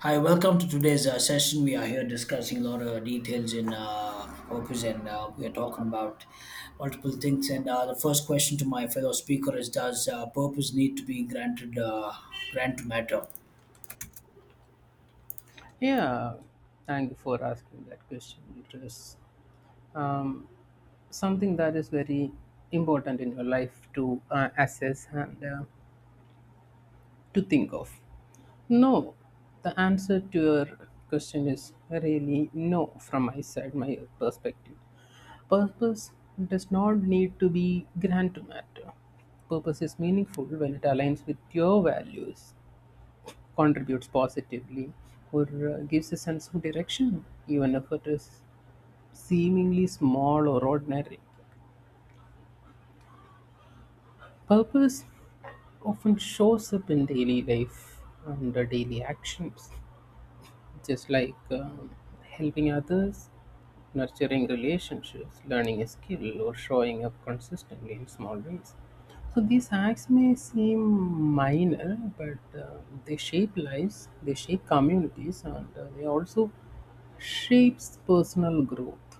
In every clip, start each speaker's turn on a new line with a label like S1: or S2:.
S1: Hi, welcome to today's session. We are here discussing a lot of details in purpose, and we are talking about multiple things. And The first question to my fellow speaker is: Does purpose need to be granted? Grant to matter?
S2: Yeah, thank you for asking that question. It is um, something that is very important in your life to assess and to think of. No, the answer to your question is really no from my side, my perspective. Purpose does not need to be grand to matter. Purpose is meaningful when it aligns with your values, contributes positively, or gives a sense of direction, even if it is seemingly small or ordinary. Purpose often shows up in daily life and daily actions, just like helping others, nurturing relationships, learning a skill, or showing up consistently in small ways. So these acts may seem minor, but they shape lives, they shape communities, and they also shapes personal growth.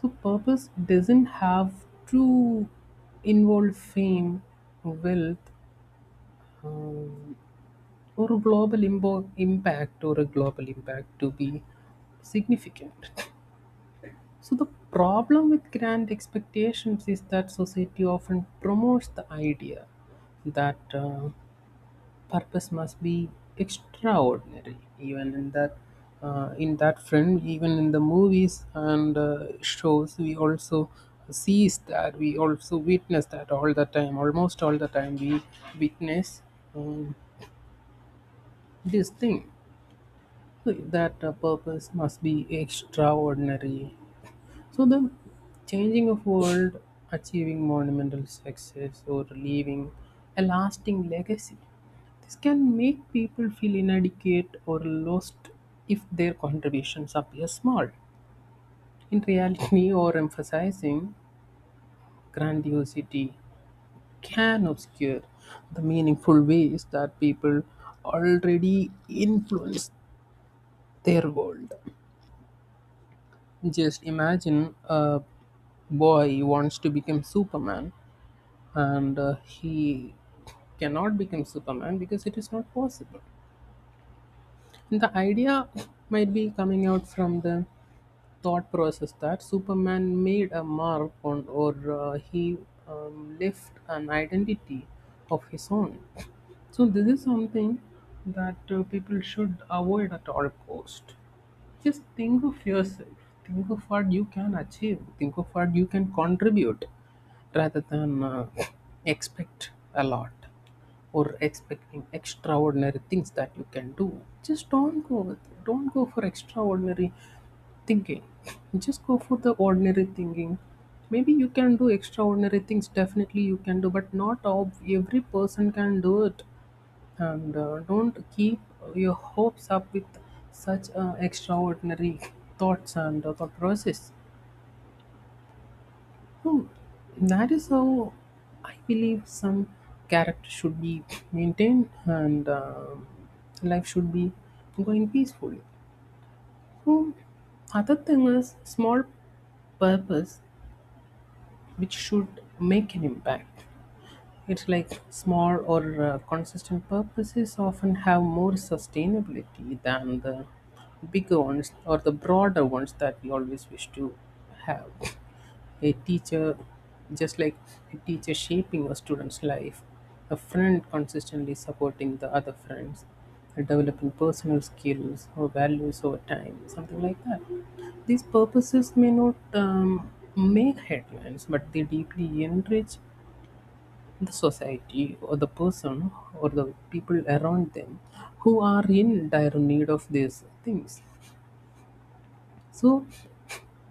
S2: So purpose doesn't have to involve fame, wealth, um, or a global impact or a global impact to be significant. So the problem with grand expectations is that society often promotes the idea that. Purpose must be extraordinary even in that friend, even in the movies and shows we also sees that we also witness that all the time, almost all the time we witness um, this thing. So that purpose must be extraordinary, so the changing of world, achieving monumental success, or leaving a lasting legacy. This can make people feel inadequate or lost if their contributions appear small. In reality, or emphasizing grandiosity can obscure the meaningful ways that people already influence their world. Just imagine a boy wants to become Superman, and he cannot become Superman because it is not possible, and the idea might be coming out from the thought process that Superman made a mark on, or he left an identity of his own. So this is something that people should avoid at all cost. Just think of yourself. Think of what you can achieve. Think of what you can contribute, rather than expect a lot or expecting extraordinary things that you can do. Just don't go with it. Don't go for extraordinary thinking. Just go for the ordinary thinking. Maybe you can do extraordinary things, definitely you can do, but not every person can do it. And don't keep your hopes up with such extraordinary thoughts and thought process. Hmm, that is how I believe some character should be maintained, and life should be going peacefully. So, other thing is small purpose which should make an impact. It's like small or consistent purposes often have more sustainability than the bigger ones or the broader ones that we always wish to have. A teacher, just like a teacher shaping a student's life, a friend consistently supporting the other friends, and developing personal skills or values over time, something like that. These purposes may not make headlines, but they deeply enrich the society or the person or the people around them who are in dire need of these things. So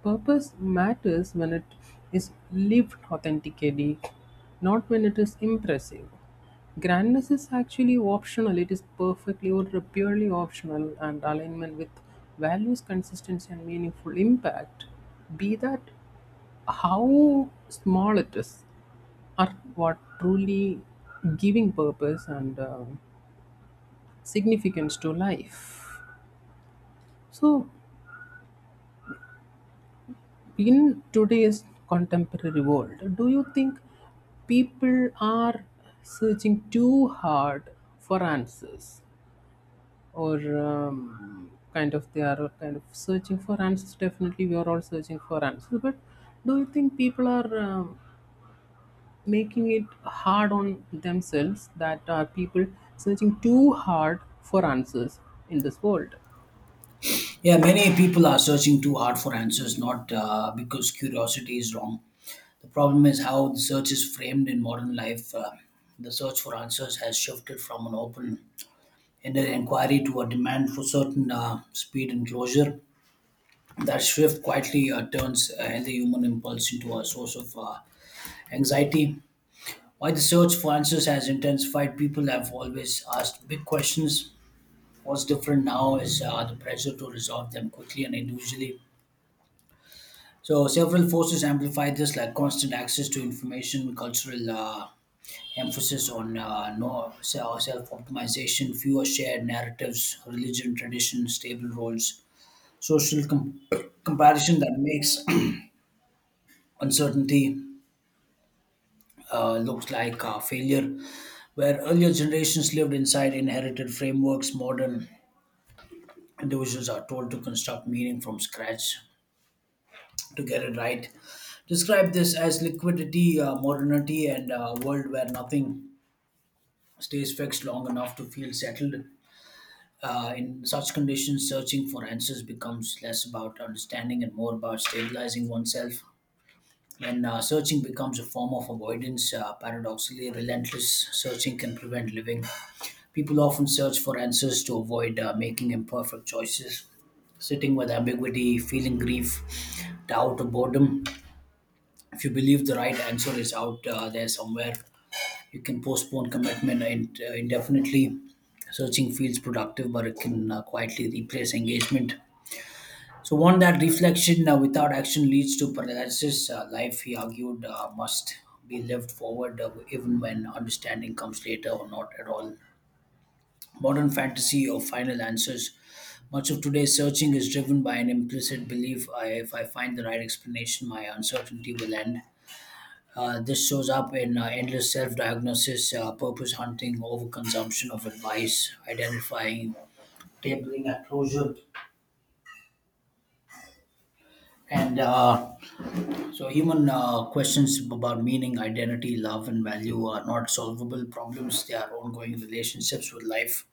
S2: purpose matters when it is lived authentically, not when it is impressive. Grandness is actually optional, it is perfectly or purely optional, and alignment with values, consistency, and meaningful impact, be that how small it is, are what truly giving purpose and significance to life. So, in today's contemporary world, do you think people are searching too hard for answers, or they are kind of searching for answers? Definitely, we are all searching for answers, but do you think people are making it hard on themselves, that are people searching too hard for answers in this world?
S1: Yeah, many people are searching too hard for answers, not because curiosity is wrong. The problem is how the search is framed in modern life. The search for answers has shifted from an open-ended inquiry to a demand for certain speed and closure. That shift quietly turns a healthy human impulse into a source of anxiety. While the search for answers has intensified, people have always asked big questions. What's different now is the pressure to resolve them quickly and individually. So, several forces amplify this, like constant access to information, cultural emphasis on no self optimization, fewer shared narratives, religion, tradition, stable roles, social com- comparison that makes uncertainty looks like failure. Where earlier generations lived inside inherited frameworks, modern individuals are told to construct meaning from scratch to get it right. Describe this as liquidity, modernity, and a world where nothing stays fixed long enough to feel settled. In such conditions, searching for answers becomes less about understanding and more about stabilizing oneself. When searching becomes a form of avoidance, paradoxically, relentless searching can prevent living. People often search for answers to avoid making imperfect choices, sitting with ambiguity, feeling grief, doubt, or boredom. If you believe the right answer is out there somewhere, you can postpone commitment indefinitely. Searching feels productive, but it can quietly replace engagement. So, one that reflection without action leads to paralysis. Life, he argued, must be lived forward even when understanding comes later or not at all. Modern fantasy of final answers. Much of today's searching is driven by an implicit belief: if I find the right explanation, my uncertainty will end. This shows up in endless self diagnosis, purpose hunting, overconsumption of advice, identifying, tabling at closure. And uh, human questions about meaning, identity, love, and value are not solvable problems, they are ongoing relationships with life.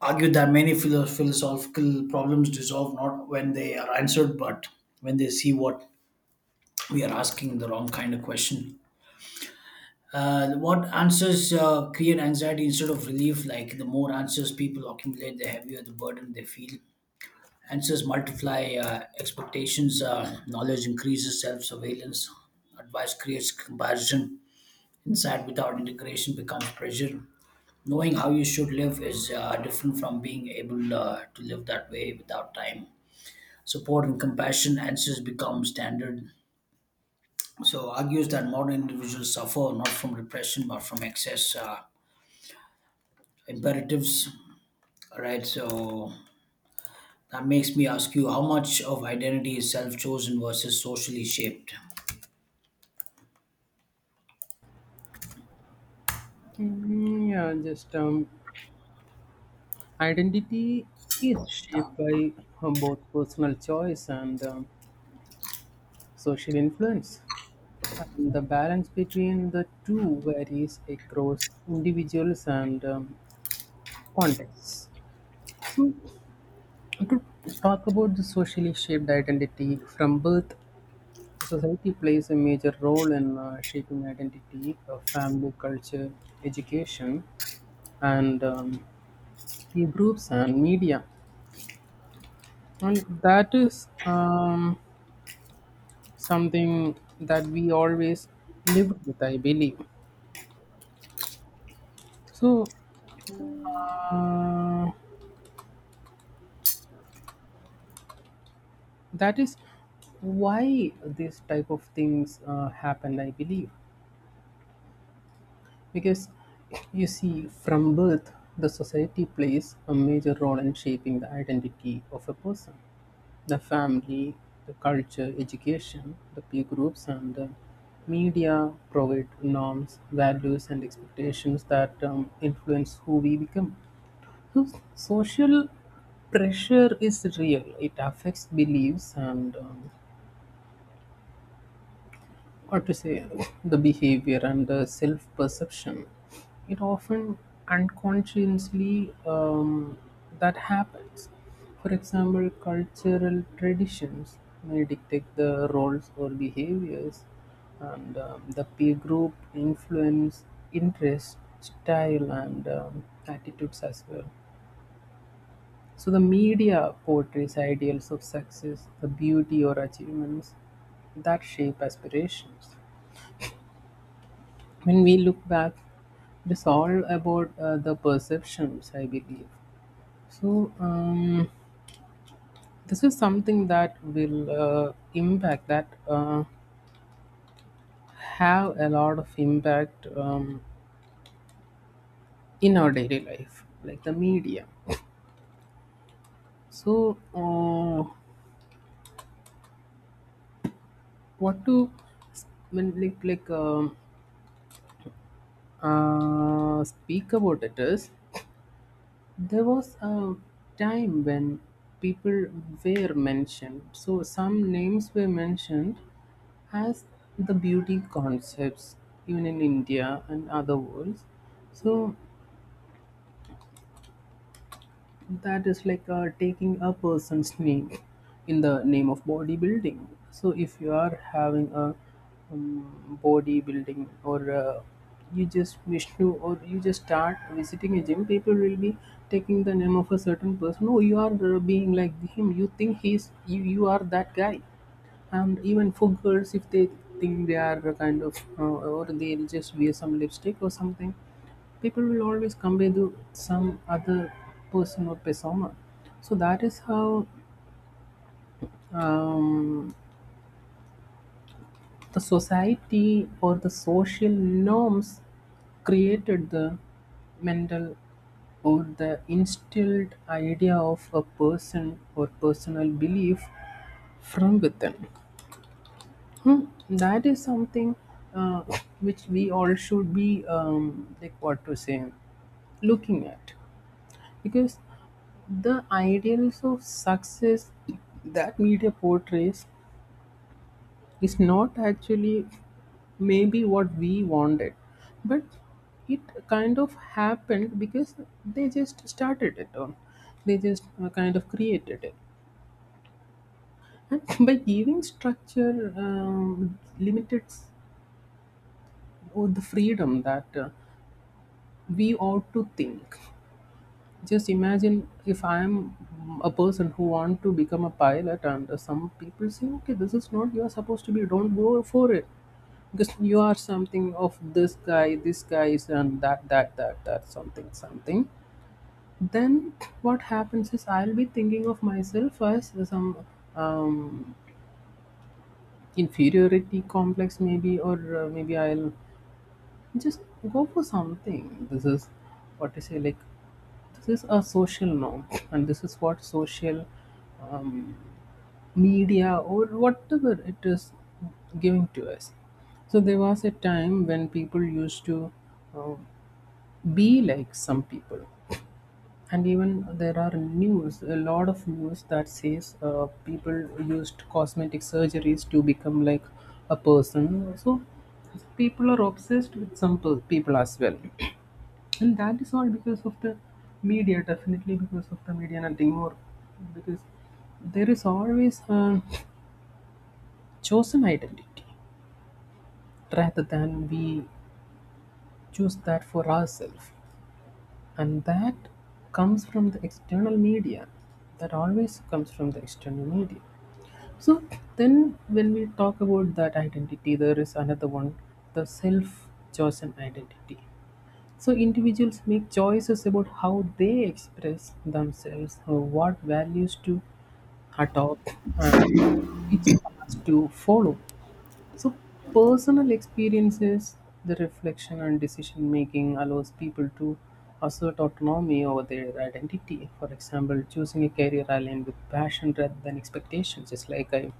S1: Argued that many philosophical problems dissolve not when they are answered, but when they see what we are asking the wrong kind of question. What answers create anxiety instead of relief? Like the more answers people accumulate, the heavier the burden they feel. Answers multiply expectations, knowledge increases self surveillance, advice creates comparison, insight without integration becomes pressure. Knowing how you should live is different from being able to live that way without time. Support and compassion answers become standard, so argues that modern individuals suffer not from repression but from excess imperatives. All right, so that makes me ask you: how much of identity is self chosen versus socially shaped?
S2: Mm, yeah, just identity is shaped by both personal choice and social influence, and the balance between the two varies across individuals and contexts. So, to talk about the socially shaped identity from birth, society plays a major role in shaping identity, family, culture, education, and peer groups and media. And that is something that we always lived with, I believe. So uh, that is why this type of things happened, I believe, because you see, from birth, the society plays a major role in shaping the identity of a person. The family, the culture, education, the peer groups, and the media provide norms, values, and expectations that influence who we become. Social pressure is real. It affects beliefs and what to say, the behavior and the self perception. It often unconsciously that happens. For example, cultural traditions may dictate the roles or behaviors, and the peer group influence interest, style, and attitudes as well. So the media portrays ideals of success, the beauty or achievements that shape aspirations. When we look back, it is all about the perceptions, I believe. So this is something that will impact that have a lot of impact in our daily life, like the media. So what to when like speak about it is, there was a time when people were mentioned. So some names were mentioned as the beauty concepts, even in India and other worlds. So that is like taking a person's name in the name of bodybuilding. So if you are having a bodybuilding or you just Vishnu, or you just start visiting a gym, people will be taking the name of a certain person. Oh, you are being like him, you think he's you, you are that guy. And even for girls, if they think they are a kind of, or they'll just wear some lipstick or something, people will always compare to some other person or persona. So that is how um, the society or the social norms created the mental or the instilled idea of a person or personal belief from within. Hmm, that is something uh, which we all should be like what to say looking at, because the ideals of success that media portrays is not actually maybe what we wanted, but it kind of happened because they just started it on they just kind of created it, and by giving structure or the freedom that we ought to think. Just imagine if I am a person who want to become a pilot, and some people say, "Okay, this is not you are supposed to be. Don't go for it," because you are something of this guy is and that, that, that, that, something, something. Then what happens is I'll be thinking of myself as some um, inferiority complex, maybe, or maybe I'll just go for something. This is what I say, like, this is a social norm, and this is what social um, media or whatever it is giving to us. So there was a time when people used to uh, be like some people, and even there are news, a lot of news that says people used cosmetic surgeries to become like a person. So people are obsessed with some people as well, and that is all because of the media, definitely because of the media, nothing more, because there is always a chosen identity rather than we choose that for ourselves, and that comes from the external media, that always comes from the external media. So then when we talk about that identity, there is another one: the self chosen identity. So individuals make choices about how they express themselves, what values to adopt, and which paths to follow. So personal experiences, the reflection and decision making allows people to assert autonomy over their identity. For example, choosing a career aligned with passion rather than expectations. Just like I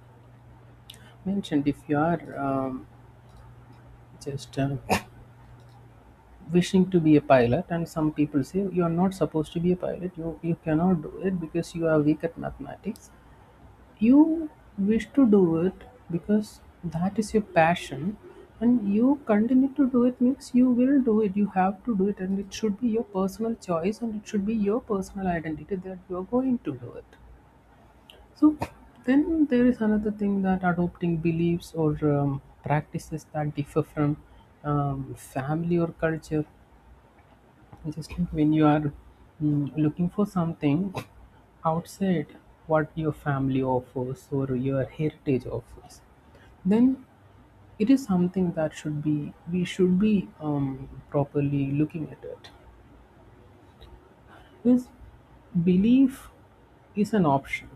S2: mentioned, if you are just wishing to be a pilot, and some people say you are not supposed to be a pilot, you cannot do it because you are weak at mathematics, you wish to do it because that is your passion, and you continue to do it means you will do it, you have to do it, and it should be your personal choice, and it should be your personal identity that you are going to do it. So then there is another thing, that adopting beliefs or practices that differ from family or culture, just like when you are looking for something outside what your family offers or your heritage offers, then it is something that should be we should be properly looking at it. Because belief is an option,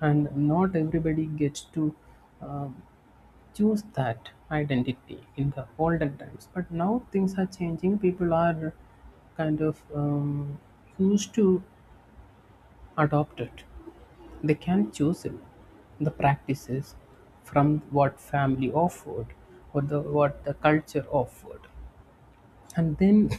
S2: and not everybody gets to um, choose that identity in the olden times. But now things are changing. People are kind of used to adopt it. They can choose the practices from what family offered or the what the culture offered, and then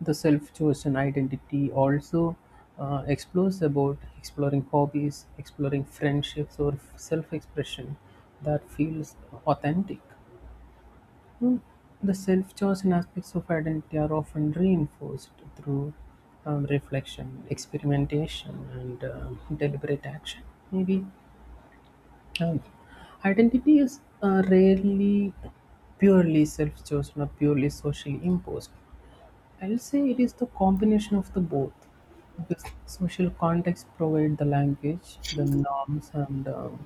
S2: the self-chosen identity also explores about exploring hobbies, exploring friendships, or self-expression that feels authentic. well, The self chosen aspects of identity are often reinforced through reflection, experimentation, and deliberate action. Maybe um, identity is rarely purely self chosen or purely socially imposed. I'll say it is the combination of the both, because social context provide the language, the norms, and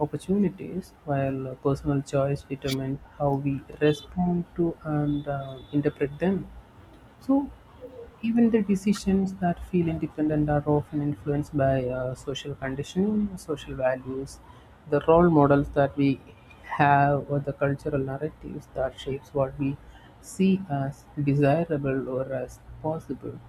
S2: opportunities, while personal choice determine how we respond to and interpret them. So even the decisions that feel independent are often influenced by social conditioning, social values, the role models that we have, or the cultural narratives that shapes what we see as desirable or as possible.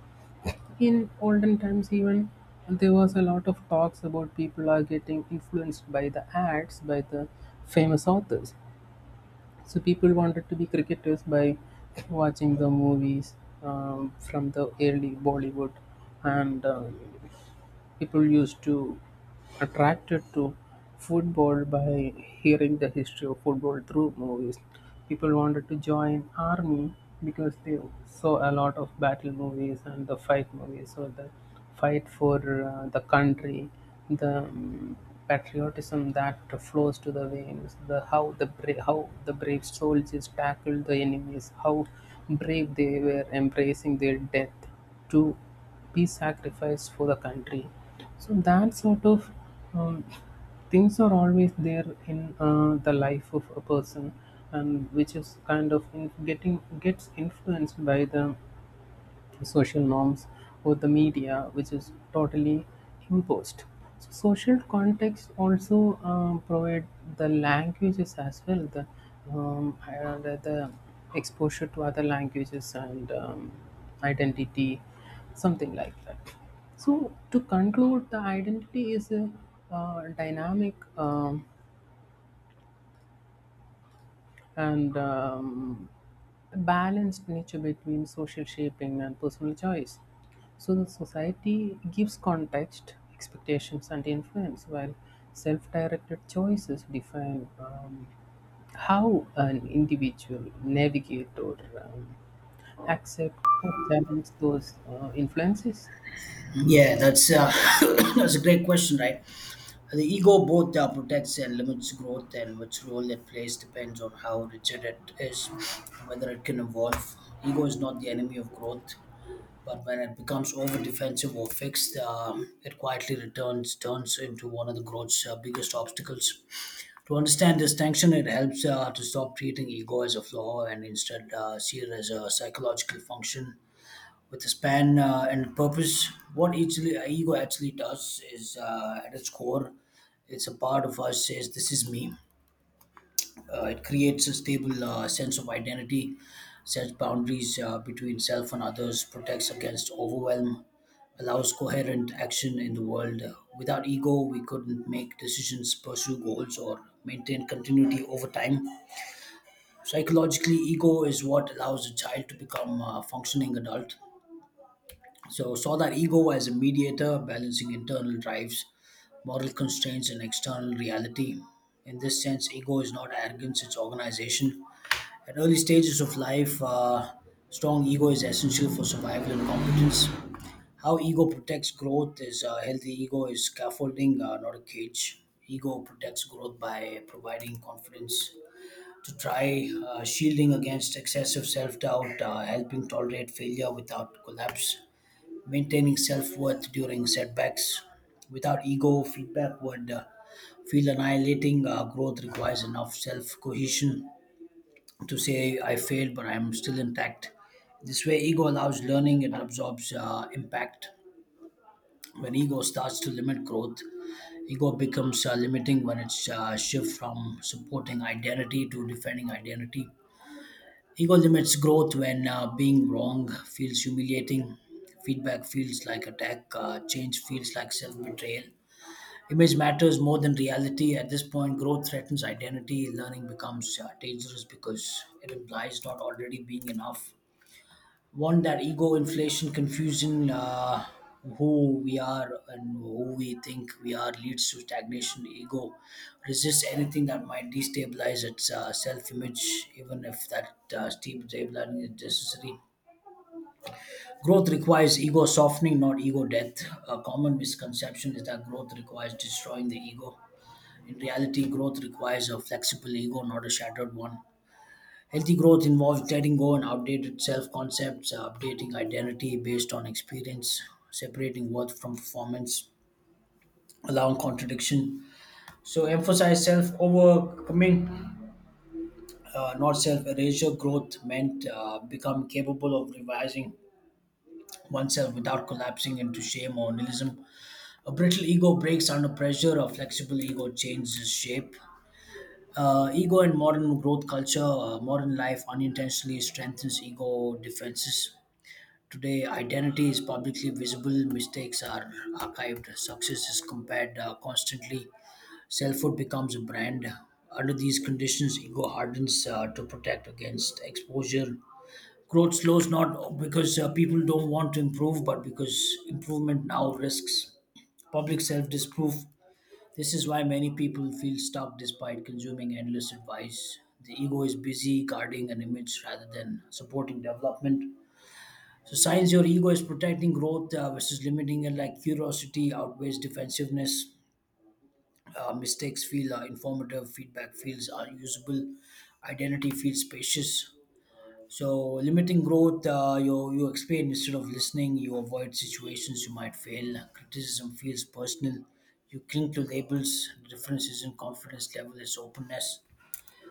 S2: In olden times, even there was a lot of talks about people are getting influenced by the ads, by the famous authors. So people wanted to be cricketers by watching the movies from the early Bollywood, and people used to attracted to football by hearing the history of football through movies. People wanted to join army because they saw a lot of battle movies and the fight movies. So the fight for the country, the patriotism that flows to the veins, the how the brave soldiers tackled the enemies, how brave they were embracing their death to be sacrificed for the country. So that sort of um, things are always there in the life of a person, and which is kind of in getting gets influenced by the social norms or the media, which is totally imposed. So social context also provide the languages as well, the exposure to other languages and identity, something like that. So to conclude, the identity is a dynamic and a balanced nature between social shaping and personal choice. So the society gives context, expectations, and influence, while self directed choices define how an individual navigate or accept or challenge those influences.
S1: Yeah, that's that's a great question, right? The ego both protects and limits growth, and which role it plays depends on how rigid it is, and whether it can evolve. Ego is not the enemy of growth; but when it becomes over defensive or fixed, it quietly returns turns into one of the growth's biggest obstacles. To understand this tension, it helps to stop treating ego as a flaw and instead see it as a psychological function with a span and purpose. What actually ego actually does is, at its core, it's a part of us says this is me. It creates a stable sense of identity, sets boundaries between self and others, protects against overwhelm, allows coherent action in the world. Without ego, we couldn't make decisions, pursue goals, or maintain continuity over time. Psychologically, ego is what allows a child to become a functioning adult. So, saw that ego as a mediator, balancing internal drives, moral constraints, and external reality. In this sense, ego is not arrogance, it's organization. At early stages of life, strong ego is essential for survival and competence. How ego protects growth is healthy ego is scaffolding, not a cage. Ego protects growth by providing confidence to try, shielding against excessive self doubt, helping tolerate failure without collapse, maintaining self worth during setbacks. Without ego, feedback would feel annihilating. Growth requires enough self cohesion to say I failed, but I'm still intact. This way, ego allows learning, it absorbs impact. When ego starts to limit growth, ego becomes limiting when it's shift from supporting identity to defending identity. Ego limits growth when being wrong feels humiliating, feedback feels like attack, change feels like self betrayal. Image matters more than reality. At this point, growth threatens identity. Learning becomes dangerous because it implies not already being enough. One that ego inflation confusion who we are and who we think we are leads to stagnation. Ego resists anything that might destabilize its self-image, even if that steep stabilizing is necessary. Growth requires ego softening, not ego death. A common misconception is that growth requires destroying the ego. In reality, growth requires a flexible ego, not a shattered one. Healthy growth involves letting go and outdated self concepts, updating identity based on experience, separating worth from performance, allowing contradiction. So, emphasize self overcoming, not self erasure. Growth meant become capable of revising oneself without collapsing into shame or nihilism. A brittle ego breaks under pressure, a flexible ego changes shape. Ego and modern growth culture, modern life unintentionally strengthens ego defenses. Today, identity is publicly visible, mistakes are archived, success is compared constantly, selfhood becomes a brand. Under these conditions, ego hardens to protect against exposure. Growth slows not because people don't want to improve, but because improvement now risks public self disproof. This is why many people feel stuck despite consuming endless advice. The ego is busy guarding an image rather than supporting development. So science, your ego is protecting growth versus limiting it. Like curiosity outweighs defensiveness. Mistakes feel informative. Feedback feels usable. Identity feels spacious. So limiting growth, you explain instead of listening. You avoid situations you might fail. Criticism feels personal. You cling to labels. The difference isn't confidence level; it's openness.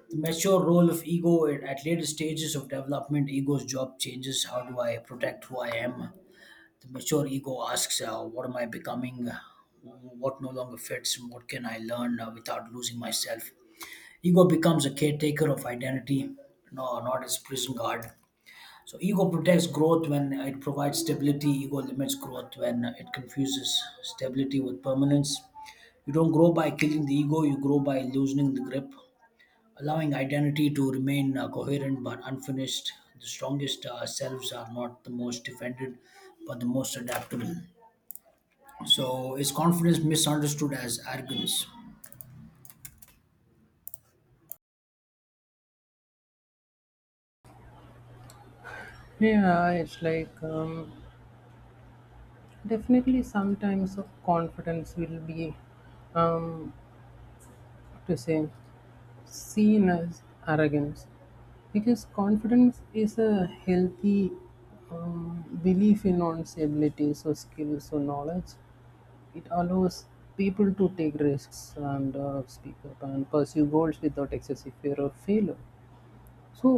S1: The mature role of ego at later stages of development. Ego's job changes. How do I protect who I am? The mature ego asks, what am I becoming? What no longer fits? What can I learn without losing myself? Ego becomes a caretaker of identity, no, not its prison guard. So, ego protects growth when it provides stability, ego limits growth when it confuses stability with permanence. You don't grow by killing the ego, you grow by loosening the grip, allowing identity to remain coherent but unfinished. The strongest selves are not the most defended, but the most adaptable. So is confidence misunderstood as arrogance?
S2: Yeah, it's like definitely sometimes confidence will be, um, what to say, seen as arrogance, because confidence is a healthy belief in one's abilities or skills or knowledge. It allows people to take risks and speak up and pursue goals without excessive fear of failure. So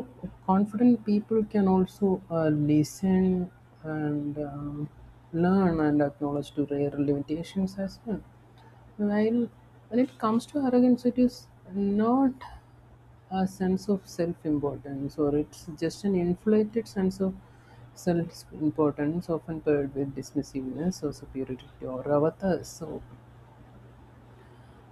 S2: confident people can also listen and learn and acknowledge to their limitations as well. While when it comes to arrogance, it is not a sense of self-importance, or it's just an inflated sense of self-importance, often paired with dismissiveness or superiority or others. So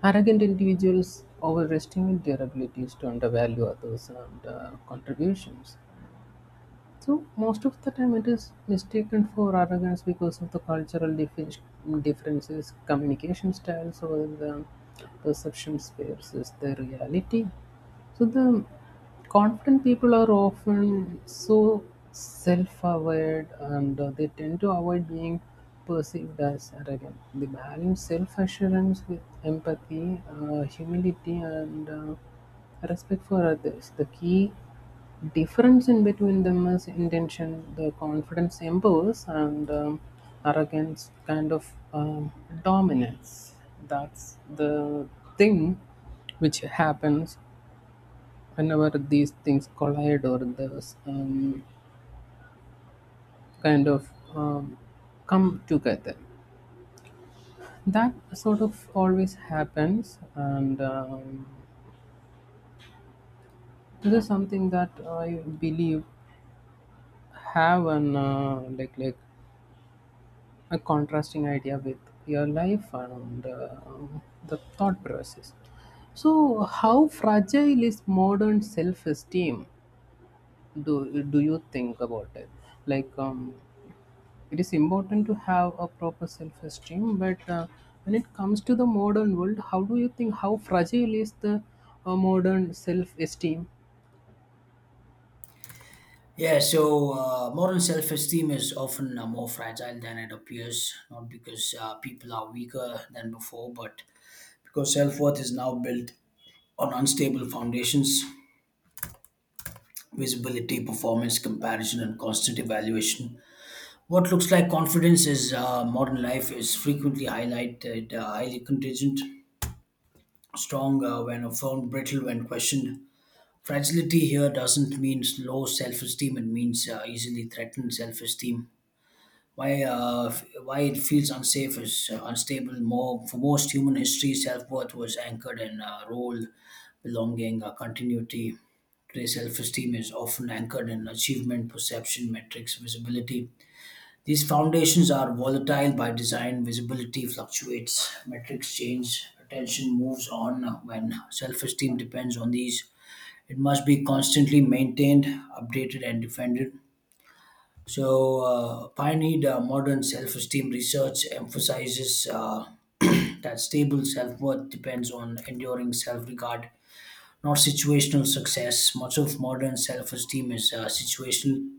S2: arrogant individuals overestimate their abilities to undervalue others and contributions. So most of the time it is mistaken for arrogance because of the differences, communication styles, or the perceptions versus the reality. So the confident people are often so self-aware, and they tend to avoid being perceived as arrogant. They balance self-assurance with empathy, humility, and respect for others. The key difference in between them is intention, the confidence impulse, and arrogance dominance. That's the thing which happens whenever these things collide or those kind of um, come together. That sort of always happens, and this is something that I believe have an like a contrasting idea with your life and the thought process. So, how fragile is modern self-esteem? Do you think about it? Like, it is important to have a proper self-esteem, but when it comes to the modern world, how do you think how fragile is the modern self-esteem?
S1: Yeah, so moral self esteem is often more fragile than it appears, not because people are weaker than before, but because self worth is now built on unstable foundations: visibility, performance, comparison, and constant evaluation. What looks like confidence is modern life is frequently highlighted, highly contingent, strong when affirmed, brittle when questioned. Fragility here doesn't mean low self-esteem. It means easily threatened self-esteem. Why, why it feels unsafe is unstable. More for most human history, self-worth was anchored in role, belonging, continuity. Today, self-esteem is often anchored in achievement, perception, metrics, visibility. These foundations are volatile by design. Visibility fluctuates, metrics change, attention moves on. When self-esteem depends on these, it must be constantly maintained, updated, and defended. So, pioneered modern self esteem research emphasizes that stable self worth depends on enduring self regard, not situational success. Much of modern self esteem is situational.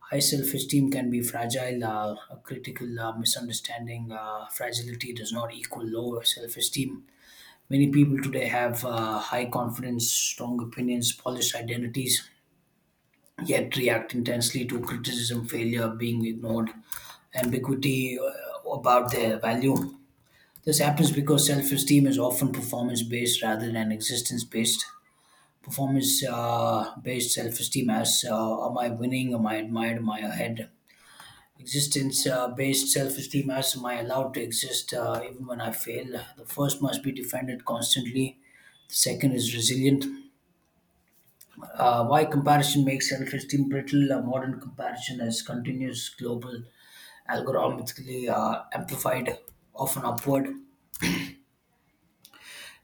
S1: High self esteem can be fragile, a critical misunderstanding. Fragility does not equal lower self esteem. Many people today have high confidence, strong opinions, polished identities, yet react intensely to criticism, failure, being ignored, ambiguity about their value. This happens because self esteem is often performance based rather than existence based. Performance based self esteem as am I winning, am I admired, am I ahead? Existence based self esteem as am I allowed to exist even when I fail? The first must be defended constantly, the second is resilient. Why comparison makes self-esteem brittle? A modern comparison is continuous, global, algorithmically amplified, often upward.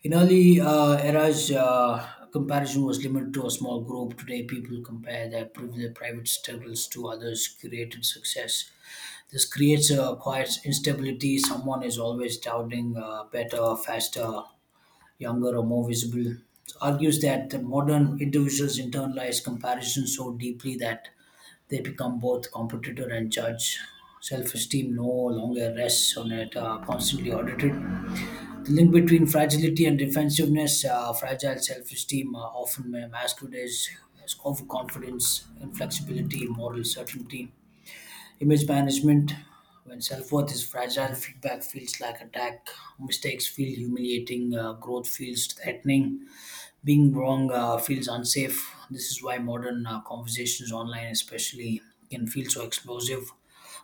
S1: In early eras, comparison was limited to a small group. Today, people compare their private struggles to others' curated success. This creates a quiet instability. Someone is always doubting better, faster, younger, or more visible. Argues that the modern individuals internalize comparison so deeply that they become both competitor and judge. Self esteem no longer rests on it, constantly audited. The link between fragility and defensiveness, fragile self esteem often masquerades as overconfidence, inflexibility, moral certainty. Image management, when self worth is fragile, feedback feels like attack, mistakes feel humiliating, growth feels threatening, being wrong feels unsafe. This is why modern conversations online, especially, can feel so explosive.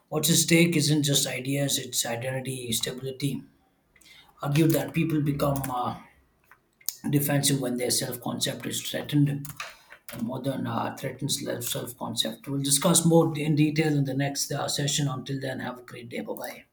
S1: What's at stake isn't just ideas, it's identity, stability. Argued that people become defensive when their self concept is threatened. And modern threatens self concept. We'll discuss more in detail in the next session. Until then, have a great day. Bye bye.